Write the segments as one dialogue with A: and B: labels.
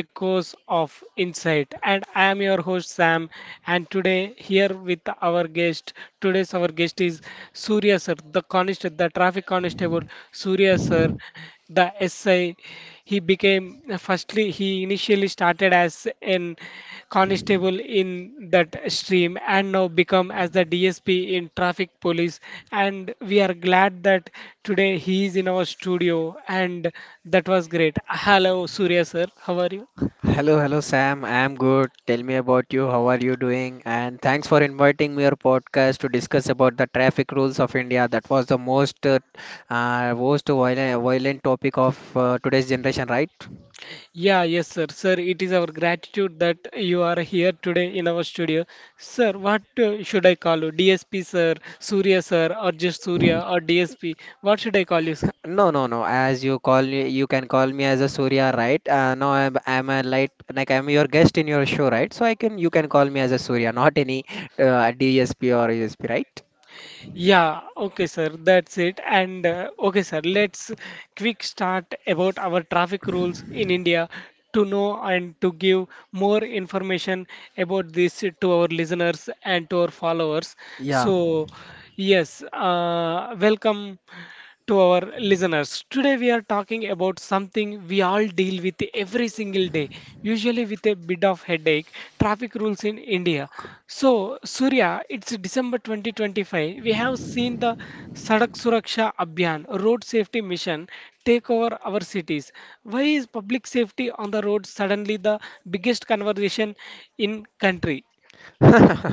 A: Echoes of Insight. And I am your host, Sam. And today, here with our guest, today's our guest is Surya Sir, the traffic constable, Surya Sir, the SI. He initially started as an constable in that stream and now become as the DSP in traffic police, and we are glad that today he is in our studio, and that was great. Hello Surya sir, how are you?
B: Hello, hello Sam. I'm good. Tell me about you. How are you doing? And thanks for inviting me your podcast to discuss about the traffic rules of India. That was the most most violent topic of today's generation, right?
A: Yeah, yes sir. Sir, it is our gratitude that you are here today in our studio. Sir, what should I call you? DSP sir, Surya sir, or just Surya or DSP? What should I call you sir?
B: No, no, no. As you call me, you can call me as a Surya, right? No, I'm a light, like I'm your guest in your show, right? You can call me as a Surya, not any DSP or USP, right?
A: Yeah, okay, sir, that's it. And okay, sir, let's quick start about our traffic rules in India to know and to give more information about this to our listeners and to our followers.
B: Yeah.
A: So, yes, welcome to our listeners. Today, we are talking about something we all deal with every single day, usually with a bit of headache, traffic rules in India. So, Surya, it's December 2025. We have seen the Sadak Suraksha Abhiyan, Road Safety Mission, take over our cities. Why is public safety on the road suddenly the biggest conversation in country?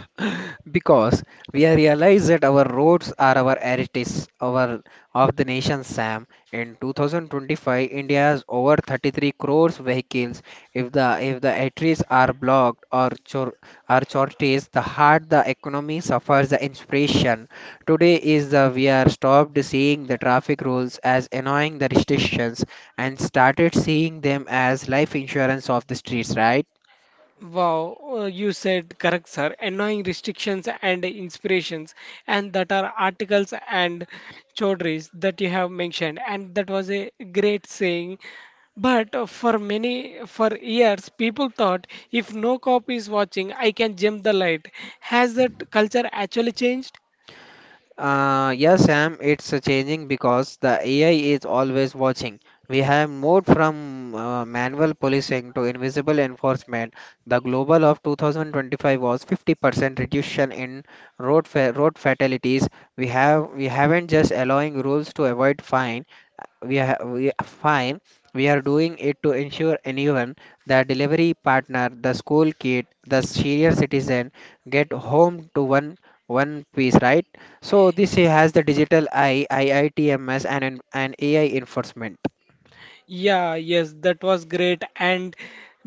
B: Because we are realized that our roads are our heritage our of the nation Sam in 2025 India has over 33 crores vehicles. If the arteries are blocked or are shortage, the heart, the economy suffers. The inspiration today is the we are stopped seeing the traffic rules as annoying the restrictions and started seeing them as life insurance of the streets, right?
A: Wow, you said correct, sir. Annoying restrictions and inspirations, and that are articles and chaudhries that you have mentioned, and that was a great saying. But for years, people thought if no cop is watching, I can jump the light. Has that culture actually changed?
B: Yes, Sam, it's changing because the AI is always watching. We have moved from manual policing to invisible enforcement. The global of 2025 was 50% reduction in road fatalities. We have we haven't just allowing rules to avoid fines. We are fine, we are doing it to ensure anyone, the delivery partner, the school kid, the senior citizen, get home to one piece, right? So this has the digital I iitms and an AI enforcement.
A: Yeah, yes, that was great. And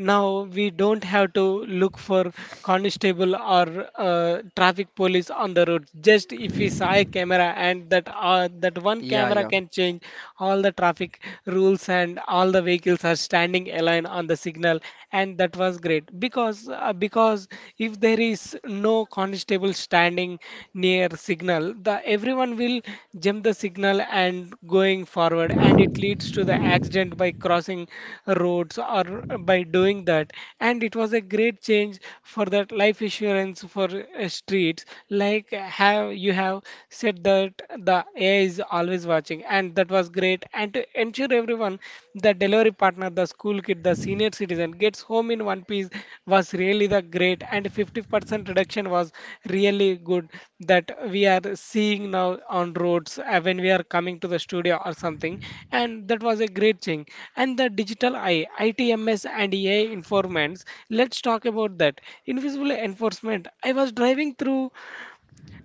A: now we don't have to look for constable or traffic police on the road. Just if we saw a camera, and that one
B: Yeah,
A: camera
B: yeah.
A: can change all the traffic rules, and all the vehicles are standing aligned on the signal. And that was great, because if there is no constable standing near signal, the everyone will jump the signal and going forward, and it leads to the accident by crossing roads or by doing that. And it was a great change for that life insurance for streets. Like have you have said that the AI is always watching, and that was great, and to ensure everyone, the delivery partner, the school kid, the senior citizen gets home in one piece was really the great. And 50% reduction was really good, that we are seeing now on roads, when we are coming to the studio or something, and that was a great thing. And the digital eye ITMS and AI informants, let's talk about that invisible enforcement. I was driving through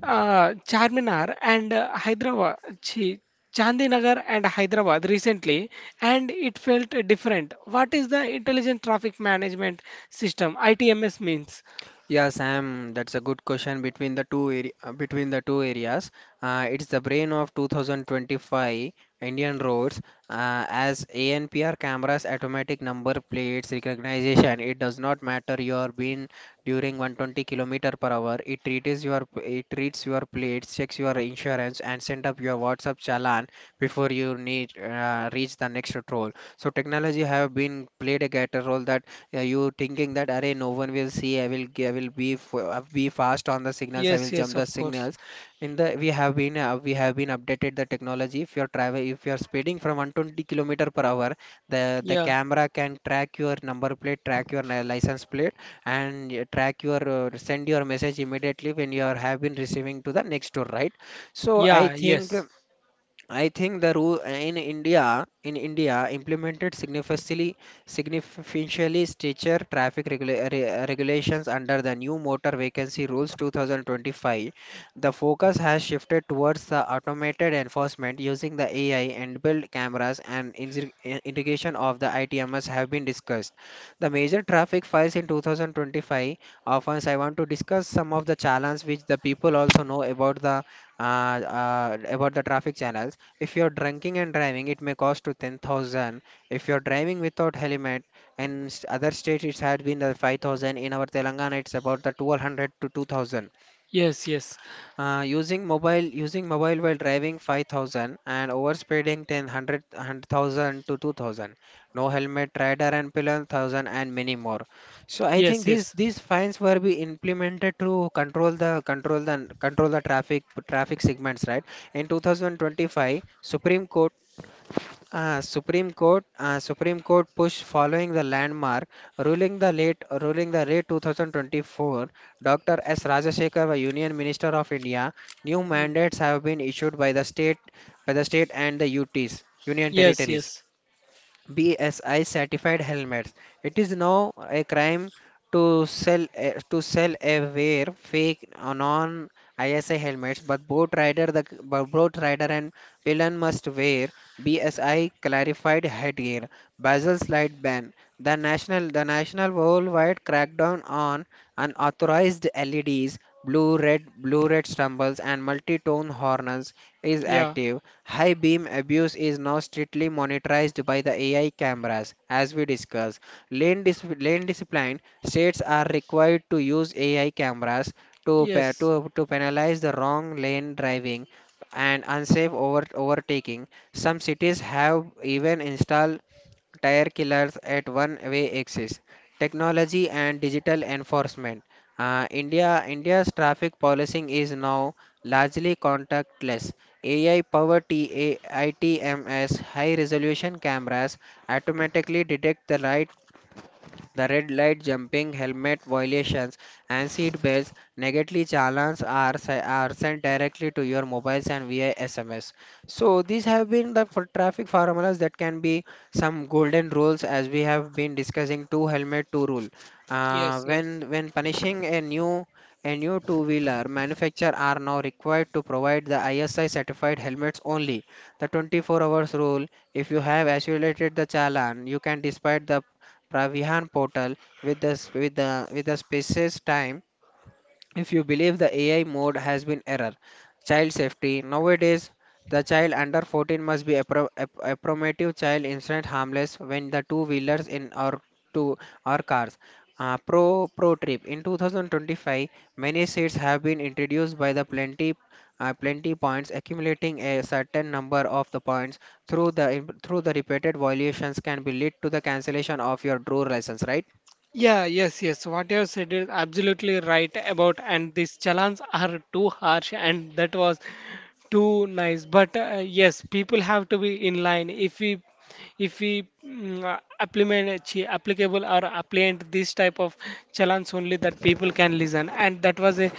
A: Charminar and Chandinagar and Hyderabad recently, and it felt different. What is the Intelligent Traffic Management System? ITMS means.
B: Yeah, Sam, that's a good question between the two area, between the two areas. It's the brain of 2025 Indian roads as ANPR cameras, automatic number plates recognition. It does not matter you are been during 120 kilometer per hour. It treats your plates, checks your insurance, and send up your WhatsApp challan before you need reach the next toll. So technology have been played a greater role that yeah, you thinking that array no one will see. I will g- I will be f- Be fast on the signals. I will
A: Yes, yes,
B: jump the
A: of course.
B: signals. In the we have been updated the technology if you're travel if you're speeding from 120 kilometer per hour. The
A: Yeah,
B: camera can track your number plate, track your license plate and track your send your message immediately when you are have been receiving to the next door, right? so i
A: yeah.
B: think
A: Yes,
B: I think the rule in India implemented significantly stricter traffic regulations under the new motor vacancy rules 2025. The focus has shifted towards the automated enforcement using the AI and build cameras and integration of the ITMS have been discussed. The major traffic files in 2025 offers. I want to discuss some of the challenges which the people also know about the traffic channels. If you're drinking and driving, it may cost to 10,000. If you're driving without helmet, and other states it had been the 5,000. In our Telangana, it's about the 1,200 to 2,000.
A: yes, yes,
B: Using mobile while driving 5,000, and overspeeding 1,000, 100,000 to 2,000. No helmet, rider and pillion 1,000 and many more. So I
A: yes,
B: think these
A: yes.
B: these fines were be implemented to control the control the traffic segments, right? In 2025, Supreme Court push following the landmark ruling the late 2024. Dr. S. Rajasekhar, the Union Minister of India, new
A: Mm.
B: mandates have been issued by the state and the UTs, Union
A: Yes,
B: Territories.
A: yes.
B: BSI certified helmets. It is now a crime to sell a wear fake non ISI helmets, but boat rider the but boat rider and villain must wear BSI clarified headgear. Basil's light ban. The national worldwide crackdown on unauthorized LEDs, blue red stumbles and multi-tone horns is
A: Yeah,
B: active. High beam abuse is now strictly monitored by the AI cameras, as we discussed. Lane discipline states are required to use AI cameras
A: yes,
B: to penalize the wrong lane driving and unsafe overtaking. Some cities have even installed tire killers at one-way axis, technology and digital enforcement. India's traffic policing is now largely contactless. AI powered ITMS high resolution cameras automatically detect the the red light jumping, helmet violations, and seat belts negatively challenged are sent directly to your mobiles and via SMS. So these have been the for traffic formulas that can be some golden rules as we have been discussing two helmet two rule.
A: yes, yes.
B: When punishing a new two-wheeler manufacturer are now required to provide the ISI certified helmets only. The 24 hours rule, if you have accumulated the challan, you can despite the Pravihan portal with the with the spaces time if you believe the AI mode has been error. Child safety nowadays the child under 14 must be appropriate child incident harmless when the two wheelers in our two our cars. Pro trip in 2025 many seats have been introduced by the plenty plenty points accumulating a certain number of the points through the repeated violations can be lead to the cancellation of your draw license, right?
A: Yeah, yes, yes. What you have said is absolutely right about, and these challans are too harsh, and that was too nice. But yes, people have to be in line. If we implement applicable or appliant this type of challenge, only that people can listen, and that was a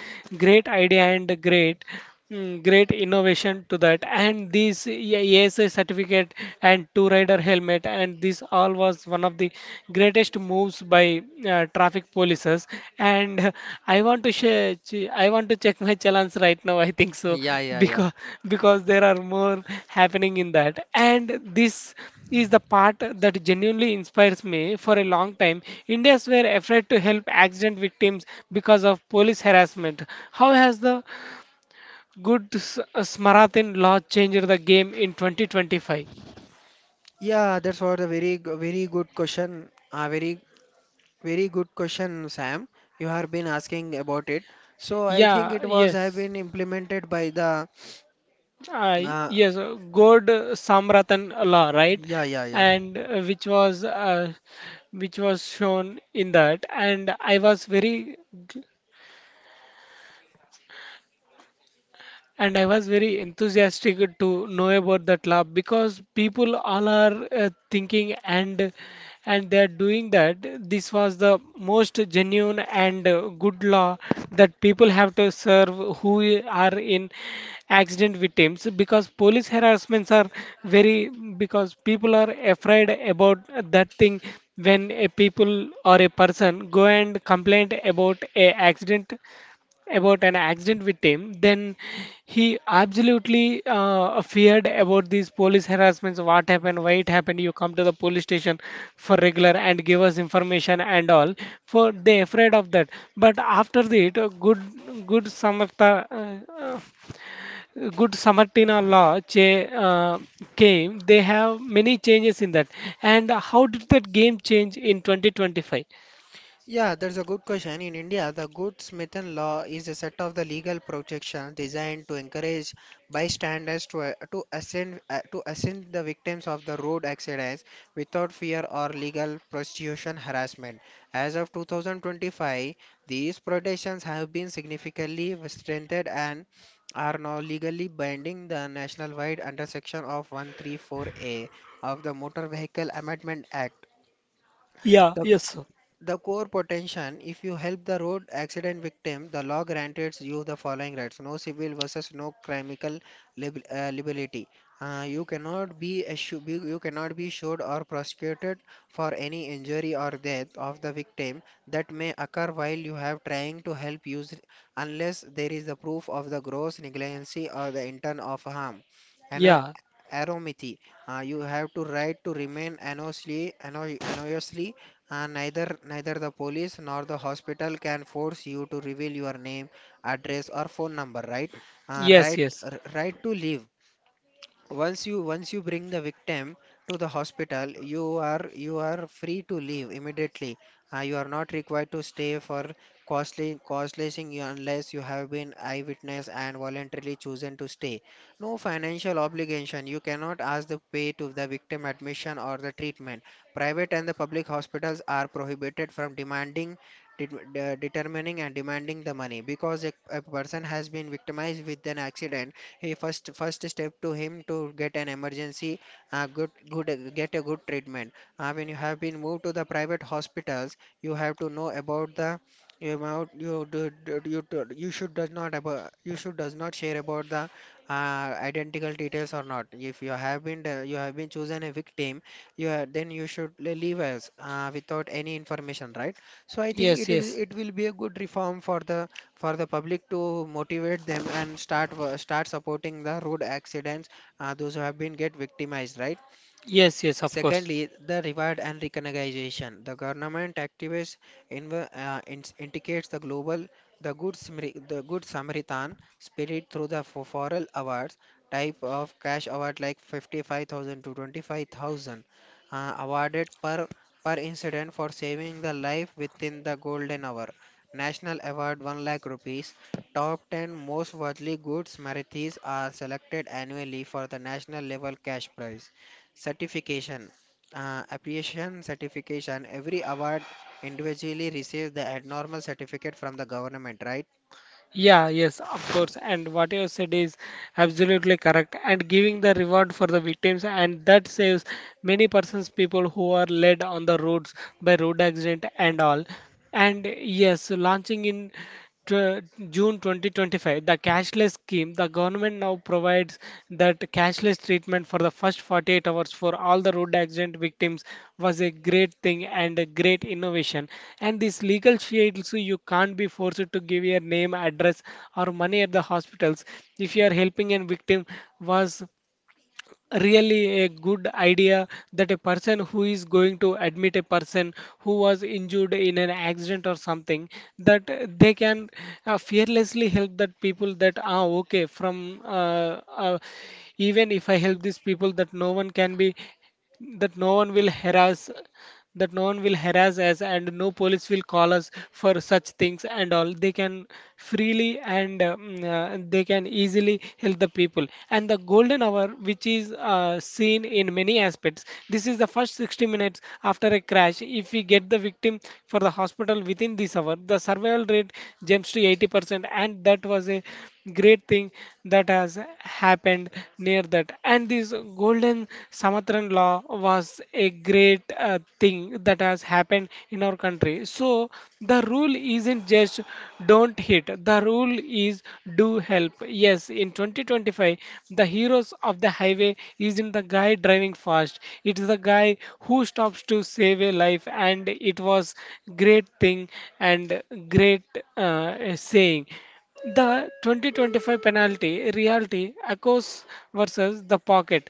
A: great idea and a great great innovation to that. And this, yeah, ASI certificate and two rider helmet, and this all was one of the greatest moves by traffic polices, and I want to share. I want to check my challenge right now. I think so,
B: Yeah, yeah, yeah.
A: because there are more happening in that. And this is the part that genuinely inspires me. For a long time, Indians were afraid to help accident victims because of police harassment. How has the good Smarathin law changed the game in 2025?
B: Yeah, that's what very good question. A very very good question, Sam. You have been asking about it. So I think
A: Yeah.
B: it was have
A: Yes.
B: been implemented by the
A: Uh,
B: uh,
A: yes, God Samratan law, right?
B: yeah, yeah, yeah.
A: And which was which was shown in that. And I was very, and I was very enthusiastic to know about that lab, because people all are thinking, and they are doing that. This was the most genuine and good law, that people have to serve who are in accident victims, because police harassments are very, because people are afraid about that thing. When a people or a person go and complain about an accident with him, then he absolutely feared about these police harassments. What happened? Why it happened? You come to the police station for regular and give us information and all. For they afraid of that. But after that, good good Samartina law came. They have many changes in that. And how did that game change in 2025?
B: Yeah, that's a good question. In India, the Good-Samaritan law is a set of the legal protections designed to encourage bystanders to assist the victims of the road accidents without fear or legal prosecution harassment. As of 2025, these protections have been significantly strengthened and are now legally binding. The national-wide under section of 134A of the Motor Vehicle Amendment Act.
A: Yeah. Yes, sir.
B: The core potential, if you help the road accident victim, the law grants you the following rights. No civil versus no criminal liability. You cannot be sued or prosecuted for any injury or death of the victim that may occur while you have trying to help use unless there is the proof of the gross negligence or the intent of harm. Ano-
A: Yeah.
B: Anonymity. You have to right to remain anonymously. Neither the police nor the hospital can force you to reveal your name, address, or phone number, right?
A: Yes. Yes.
B: Right to live. Once you bring the victim to the hospital. You are free to leave immediately. You are not required to stay for costly costlessing you unless you have been eyewitness and voluntarily chosen to stay. No financial obligation, you cannot ask the pay to the victim admission or the treatment. Private and the public hospitals are prohibited from demanding determining and demanding the money because a person has been victimized with an accident, he first step to him to get an emergency good get a good treatment. When you have been moved to the private hospitals, you have to know about the about you do, do- you should does not share about the identical details or not. If you have been you have been chosen a victim you have, then you should leave us without any information, right? so I think it
A: Yes.
B: will
A: Yes.
B: It will be a good reform for the public to motivate them and start start supporting the road accidents, those who have been get victimized, right?
A: Yes, yes, of course.
B: Secondly, the reward and recognition. The government activists indicates the global, the good Samaritan spirit through the foral awards type of cash award like 55,000 to 25,000 awarded per incident for saving the life within the golden hour. National award 1 lakh rupees. Top 10 most worldly good Samaritans are selected annually for the national level cash prize. Certification, appreciation certification. Every award individually receives the abnormal certificate from the government, right?
A: Yeah, yes, of course. And what you said is absolutely correct. And giving the reward for the victims, and that saves many persons, people who are led on the roads by road accident and all. And yes, launching in tw- June 2025, the cashless scheme, the government now provides that cashless treatment for the first 48 hours for all the road accident victims, was a great thing and a great innovation. And this legal shield, so you can't be forced to give your name, address, or money at the hospitals if you are helping a victim, was really a good idea. That a person who is going to admit a person who was injured in an accident or something, that they can fearlessly help that people, that okay, from even if I help these people, that no one can be, that no one will harass that no one will harass us, and no police will call us for such things and all. They can freely and they can easily help the people. And the golden hour, which is seen in many aspects, this is the first 60 minutes after a crash. If we get the victim for the hospital within this hour, the survival rate jumps to 80%, and that was a great thing that has happened near that. And this golden Samatran law was a great thing that has happened in our country. So the rule isn't just don't hit, the rule is do help. Yes, in 2025, the heroes of the highway isn't the guy driving fast, it is the guy who stops to save a life, and it was great thing and great saying. The 2025 penalty reality echoes versus the pocket.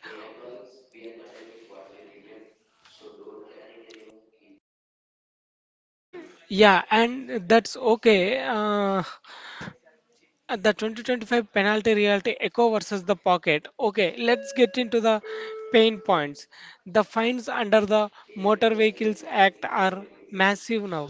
A: Yeah, and that's okay. The 2025 penalty reality echo versus the pocket. Okay, let's get into the pain points. The fines under the Motor Vehicles Act are massive now.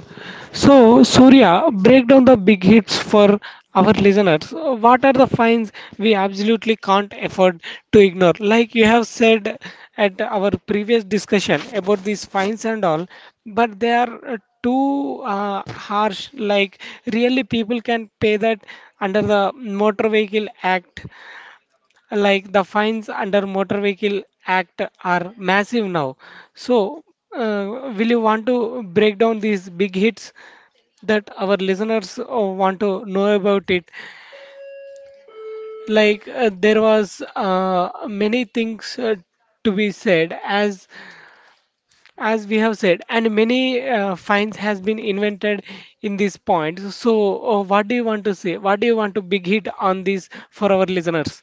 A: So, Surya, break down the big hits for our listeners. What are the fines we absolutely can't afford to ignore? Like you have said at our previous discussion about these fines and all, but they are too harsh. Like, really, people can pay that under the Motor Vehicle Act. Like, the fines under Motor Vehicle Act are massive now. So, will you want to break down these big hits that our listeners want to know about it? Like there was many things to be said, as we have said, and many finds has been invented in this point. So, what do you want to say? What do you want to big hit on this for our listeners?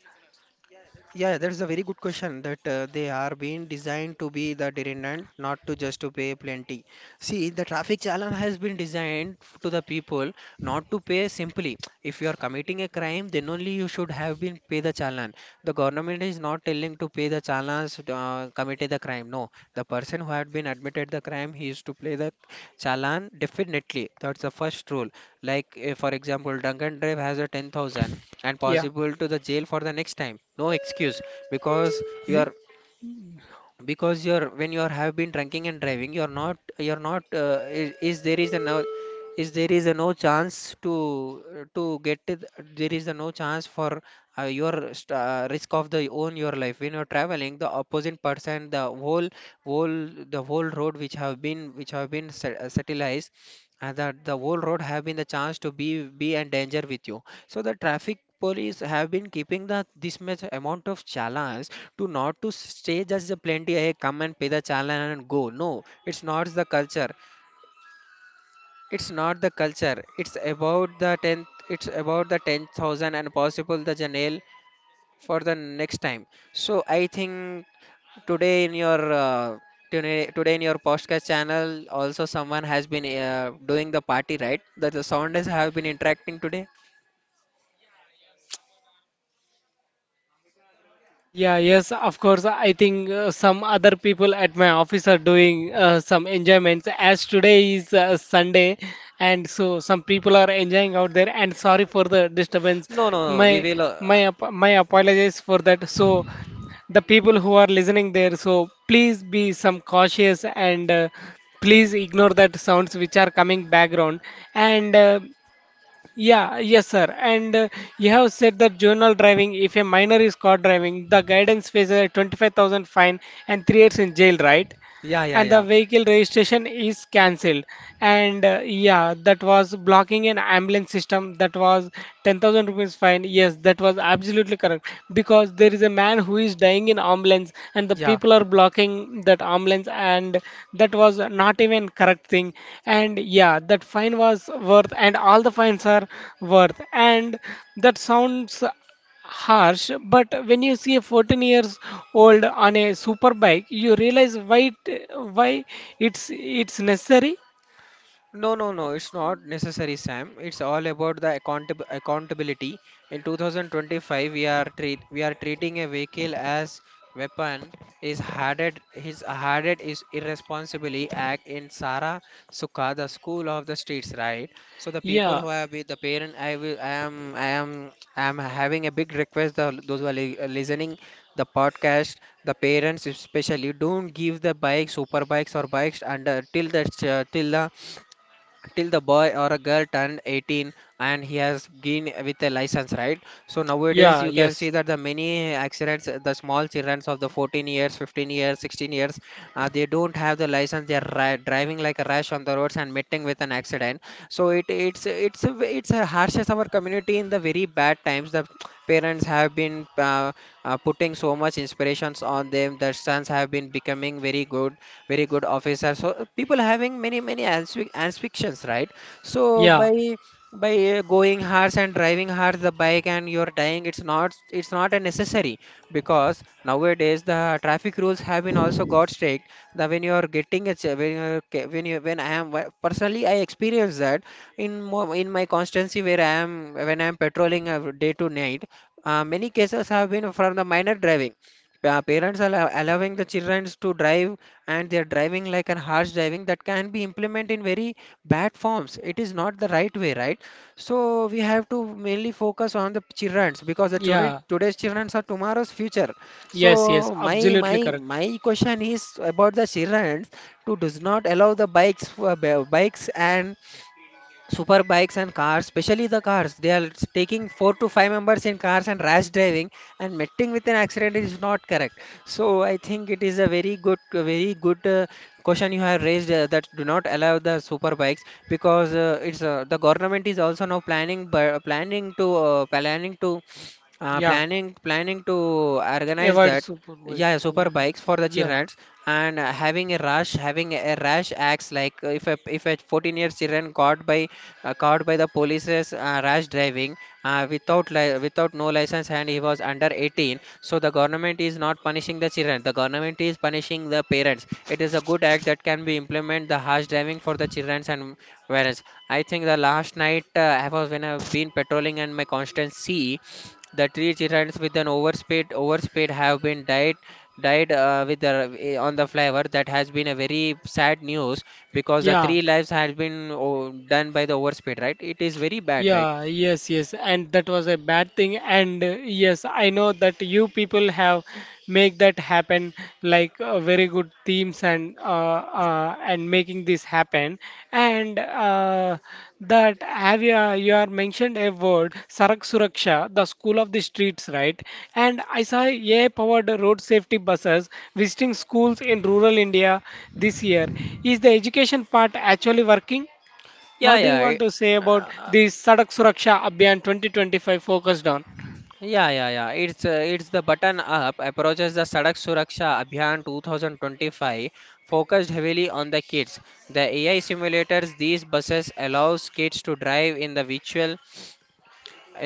B: Yeah, that's a very good question that they are being designed to be the deterrent, not to just to pay plenty. See, the traffic challenge has been designed to the people not to pay simply. If you are committing a crime, then only you should have been pay the challenge. The government is not telling to pay the challenge committed the crime. No, the person who had been admitted the crime, he is to pay the challenge definitely. That's the first rule. Like for example, drunken drive has a 10,000 and
A: Yeah.
B: possible to the jail for the next time, no excuse because you are because you're when you are have been drinking and driving you're not is there is a no is there is a no chance to get it. There is a no chance for risk of the own your life when you're traveling the opposite person, the whole whole road which have been satellized, and that the whole road have been the chance to be and danger with you. So the traffic police have been keeping the this much amount of challenge to not to stay just the plenty. Hey, come and pay the challenge and go. No, it's not the culture. It's not the culture. It's about the tenth. It's about the 10,000 and possible the jail for the next time. So I think today in your uh, today in your podcast channel also someone has been doing the party, right? That the sound has have been interacting today.
A: Yeah, yes, of course. I think some other people at my office are doing some enjoyments, as today is Sunday, and so some people are enjoying out there. And sorry for the disturbance.
B: No, no, no. We
A: My
B: will.
A: my ap- my apologies for that. So the people who are listening there, so please be some cautious, and please ignore that sounds which are coming background, and. Yeah, yes, sir. And you have said that juvenile driving, if a minor is caught driving, the guidance faces a 25,000 fine and 3 years in jail, right?
B: Yeah, yeah,
A: And the
B: yeah.
A: vehicle registration is cancelled. And yeah, that was blocking an ambulance system, that was 10,000 rupees fine. Yes, that was absolutely correct, because there is a man who is dying in ambulance and the
B: Yeah,
A: people are blocking that ambulance, and that was not even correct thing. And yeah, that fine was worth, and all the fines are worth. And that sounds harsh, but when you see a 14 years old on a super bike, you realize why it, why it's necessary.
B: No, no, no, it's not necessary, Sam. It's all about the accountability. In 2025, we are treating a vehicle as weapon. Is hardened, his hardened is irresponsibly act in Sara Sukha, the school of the streets, right? So the people
A: Yeah,
B: who have been the parent, I will, I am, I am, I am having a big request. The, those who are li listening the podcast, the parents especially, don't give the bikes, super bikes or bikes under till the ch- till the boy or a girl turned 18 and he has been with a license, right? So nowadays
A: yeah,
B: you can see
A: yes.
B: that the many accidents, the small children of the 14 years, 15 years, 16 years, they don't have the license, they are driving like a rash on the roads and meeting with an accident. So it it's a, ve- it's a harshes our community in the very bad times. The parents have been putting so much inspirations on them, their sons have been becoming very good, very good officer. So people having many many aspirations, right? So
A: Yeah,
B: by going hard and driving hard the bike and you're dying, it's not, it's not a necessary, because nowadays the traffic rules have been also got strict. That when you're getting a ch- when you're, ca- when you when I am personally I experienced that in my constancy where I am patrolling, day to night, many cases have been from the minor driving. Parents are allowing the children to drive and they're driving like an harsh driving that can be implemented in very bad forms. It is not the right way, right? So we have to mainly focus on the childrens, because the children
A: yeah,
B: today's childrens are tomorrow's future.
A: yes, yes,
B: So
A: absolutely correct.
B: my question is about the childrens, to does not allow the bikes and super bikes and cars, especially the cars. They are taking four to five members in cars and rash driving and meeting with an accident is not correct. So I think it is a very good, a very good, question you have raised, that do not allow the super bikes, because it's the government is also now planning bu- planning to planning to
A: Yeah,
B: planning planning to organize
A: avoid
B: that.
A: super
B: Yeah,
A: bikes.
B: super bikes for the
A: Yeah.
B: childrens and having a rush, having a rash acts like if a 14 years children caught by the police's rash driving, without no license, and he was under 18. So the government is not punishing the children. The government is punishing the parents. It is a good act that can be implement the harsh driving for the children. And whereas I think the last night, I was when I've been patrolling in my constituency, the three children with an overspate have been died with the, eh, on the flyover. That has been a very sad news, because the
A: Yeah.
B: three lives had been, oh, done by the overspate, right? It is very bad, right?
A: Yeah, yes, yes, and that was a bad thing. And yes, I know that you people have make that happen, like very good themes, and making this happen. And that, have you you are mentioned a word Sarak Suraksha, the school of the streets, right? And I saw AI-powered road safety buses visiting schools in rural India this year. Is the education part actually working?
B: Yeah,
A: What do you
B: yeah.
A: want to say about
B: Uh,
A: the Sadak Suraksha Abhiyan 2025 focused on?
B: yeah, yeah, yeah. It's the button up approaches. The Sadak Suraksha Abhiyan 2025 focused heavily on the kids. The AI simulators, these buses allows kids to drive in the virtual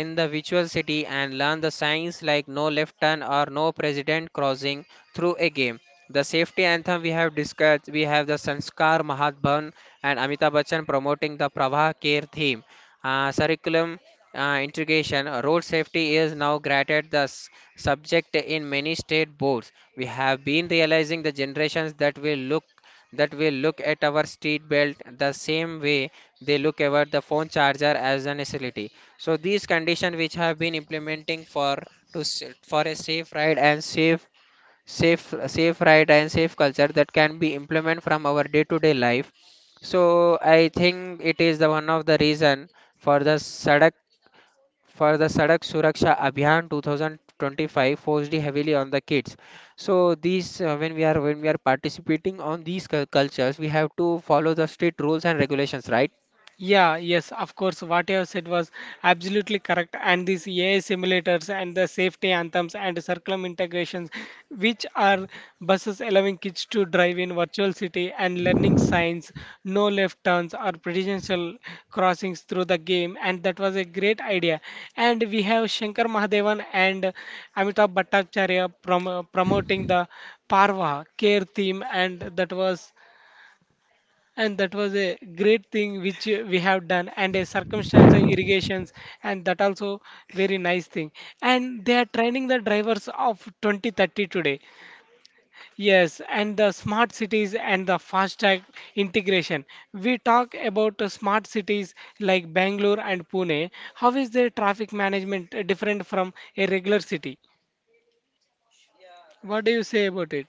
B: in the virtual city and learn the signs like no left turn or no president crossing through a game. The safety anthem, we have discussed. We have the Sanskar Mahatbhan and Amitabh Bachchan promoting the Prabha Care theme. Curriculum integration, road safety is now granted the subject in many state boards. We have been realizing the generations that will look at our street belt the same way they look at the phone charger as a necessity. So these conditions which have been implementing for for a safe ride and safe ride and safe culture that can be implemented from our day to day life. So I think it is the one of the reason for the Sadak Suraksha Abhiyan 2025 forced heavily on the kids. So these when we are participating on these cultures, we have to follow the strict rules and regulations, right?
A: Yeah, yes, of course. What you have said was absolutely correct. And these AI simulators and the safety anthems and curriculum integrations, which are buses allowing kids to drive in virtual city and learning signs, no left turns or prudential crossings through the game. And that was a great idea. And we have Shankar Mahadevan and Amitabh Bhattacharya promoting the Parva care theme, and that was a great thing which we have done, and a circumstantial irrigations, and that also very nice thing. And they are training the drivers of 2030 today. Yes, and the smart cities and the fast track integration, we talk about smart cities like Bangalore and Pune. How is their traffic management different from a regular city? What do you say about it?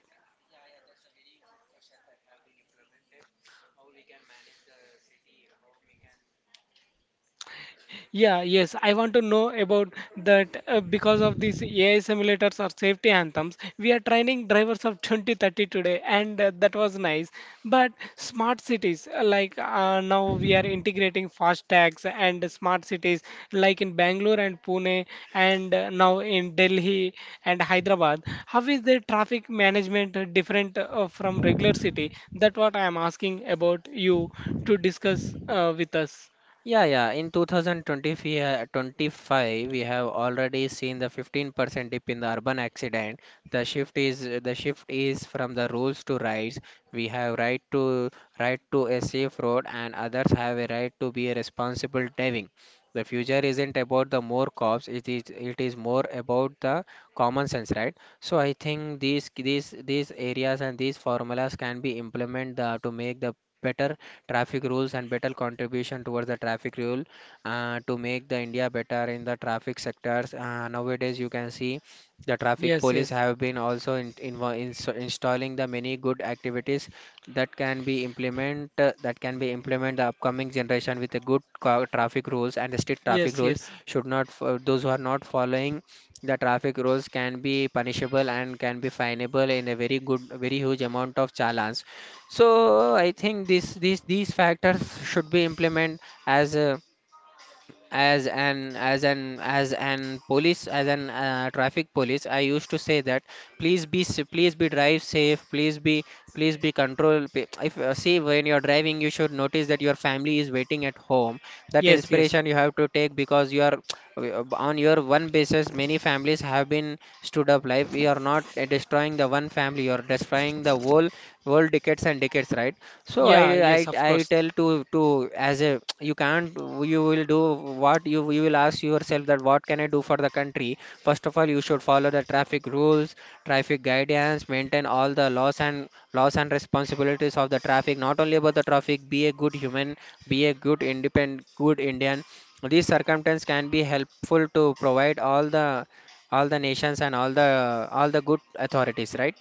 A: Yeah, yes, I want to know about that, because of these AI simulators or safety anthems, we are training drivers of 2030 today, and that was nice. But smart cities, like now we are integrating fast tags and smart cities, like in Bangalore and Pune, and now in Delhi and Hyderabad. How is the traffic management different from regular city? That's what I am asking about you to discuss with us.
B: Yeah, yeah. In 25, we have already seen the 15% dip in the urban accident. The shift is from the rules to rights. We have right to a safe road, and others have a right to be a responsible driving. The future isn't about the more cops. It is more about the common sense, right? So I think these areas and these formulas can be implemented to make the better traffic rules and better contribution towards the traffic rule to make the India better in the traffic sectors. Nowadays, you can see the traffic
A: Yes,
B: police
A: yes.
B: have been also in, ins installing the many good activities that can be implement, the upcoming generation with a good traffic rules and the strict traffic
A: Yes,
B: rules.
A: yes.
B: Should not those who are not following the traffic rules can be punishable and can be finable in a very good, very huge amount of challenge. So I think this these factors should be implemented as a, as an as an as an police as an traffic police, I used to say that please please be, drive safe, please be please be control. If, see, when you're driving, you should notice that your family is waiting at home. That
A: Yes, yes.
B: inspiration you have to take, because you are, on your one basis many families have been stood up life. We are not, destroying the one family, you are destroying the whole world, decades and decades, right? So I
A: Yeah, yes,
B: I
A: of
B: I
A: course.
B: tell to as a you can't, you will do, what you will ask yourself, that what can I do for the country? First of all, you should follow the traffic rules, traffic guidance, maintain all the laws and responsibilities of the traffic. Not only about the traffic, be a good human, be a good independent, good Indian. These circumstances can be helpful to provide all the nations and all the good authorities, right?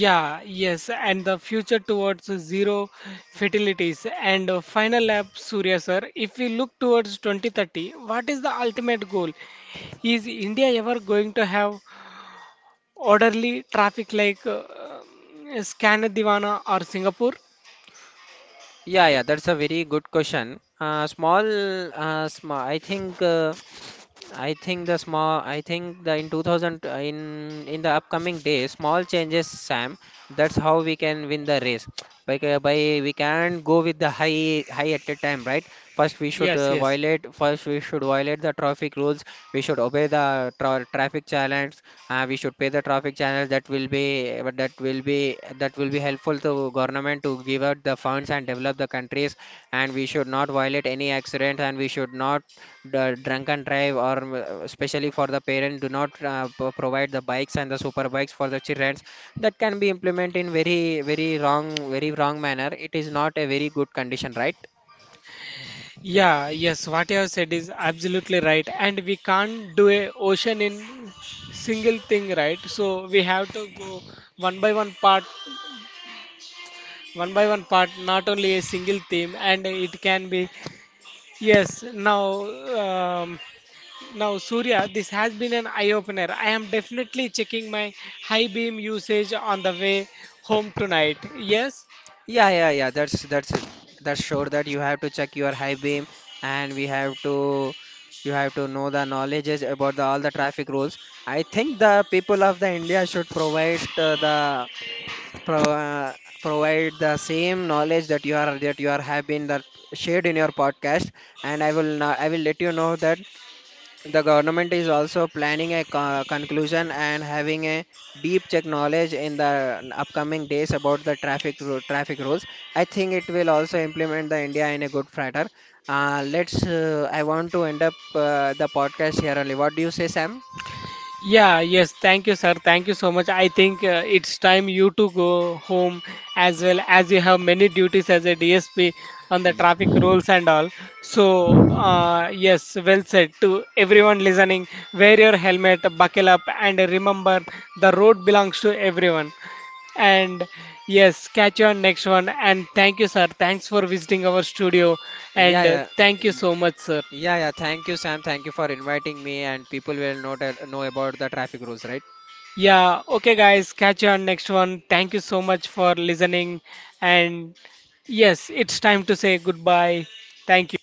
A: Yeah, yes, and the future towards zero fatalities, and final lap, Surya sir. If we look towards 2030, what is the ultimate goal? Is India ever going to have orderly traffic like Scandinavia or Singapore?
B: Yeah, yeah, that's a very good question. Small, sm I think the small, I think the in 2000, in the upcoming days, small changes, Sam. That's how we can win the race. By ca- by, we can not go with the high at a time, right? First, we should
A: Yes, yes.
B: violate the traffic rules. We should obey the traffic challenge. We should pay the traffic challenge. That will be, that will be helpful to government to give out the funds and develop the countries. And we should not violate any accidents. And we should not the drunk and drive, or especially for the parent, do not provide the bikes and the super bikes for the children, that can be implemented in very, very wrong manner. It is not a very good condition, right?
A: Yeah, yes, what you have said is absolutely right. And we can't do a ocean in single thing, right? So we have to go one by one part, one by one part, not only a single theme, and it can be yes. Now, um, now Surya, this has been an eye opener. I am definitely checking my high beam usage on the way home tonight. Yes,
B: Yeah, yeah, yeah. That's sure that you have to check your high beam, and we have to, you have to know the knowledges about the all the traffic rules. I think the people of the India should provide, uh, the pro, uh, provide the same knowledge that you are have been that shared in your podcast. And I will not, I will let you know that the government is also planning a conclusion and having a deep check knowledge in the upcoming days about the traffic rules. I think it will also implement the india in a good frater. Let's I want to end up the podcast here only. What do you say, Sam?
A: yeah, yes, thank you, sir. Thank you so much. I think it's time you to go home, as well as you have many duties as a DSP on the traffic rules and all. So, yes, well said to everyone listening. Wear your helmet, buckle up, and remember the road belongs to everyone. And yes, catch you on next one. And thank you, sir. Thanks for visiting our studio.
B: Yeah,
A: And thank
B: yeah.
A: you so much, sir.
B: Yeah, yeah. Thank you, Sam. Thank you for inviting me. And people will not know about the traffic rules, right?
A: Yeah, okay, guys, catch you on next one. Thank you so much for listening. And yes, it's time to say goodbye. Thank you.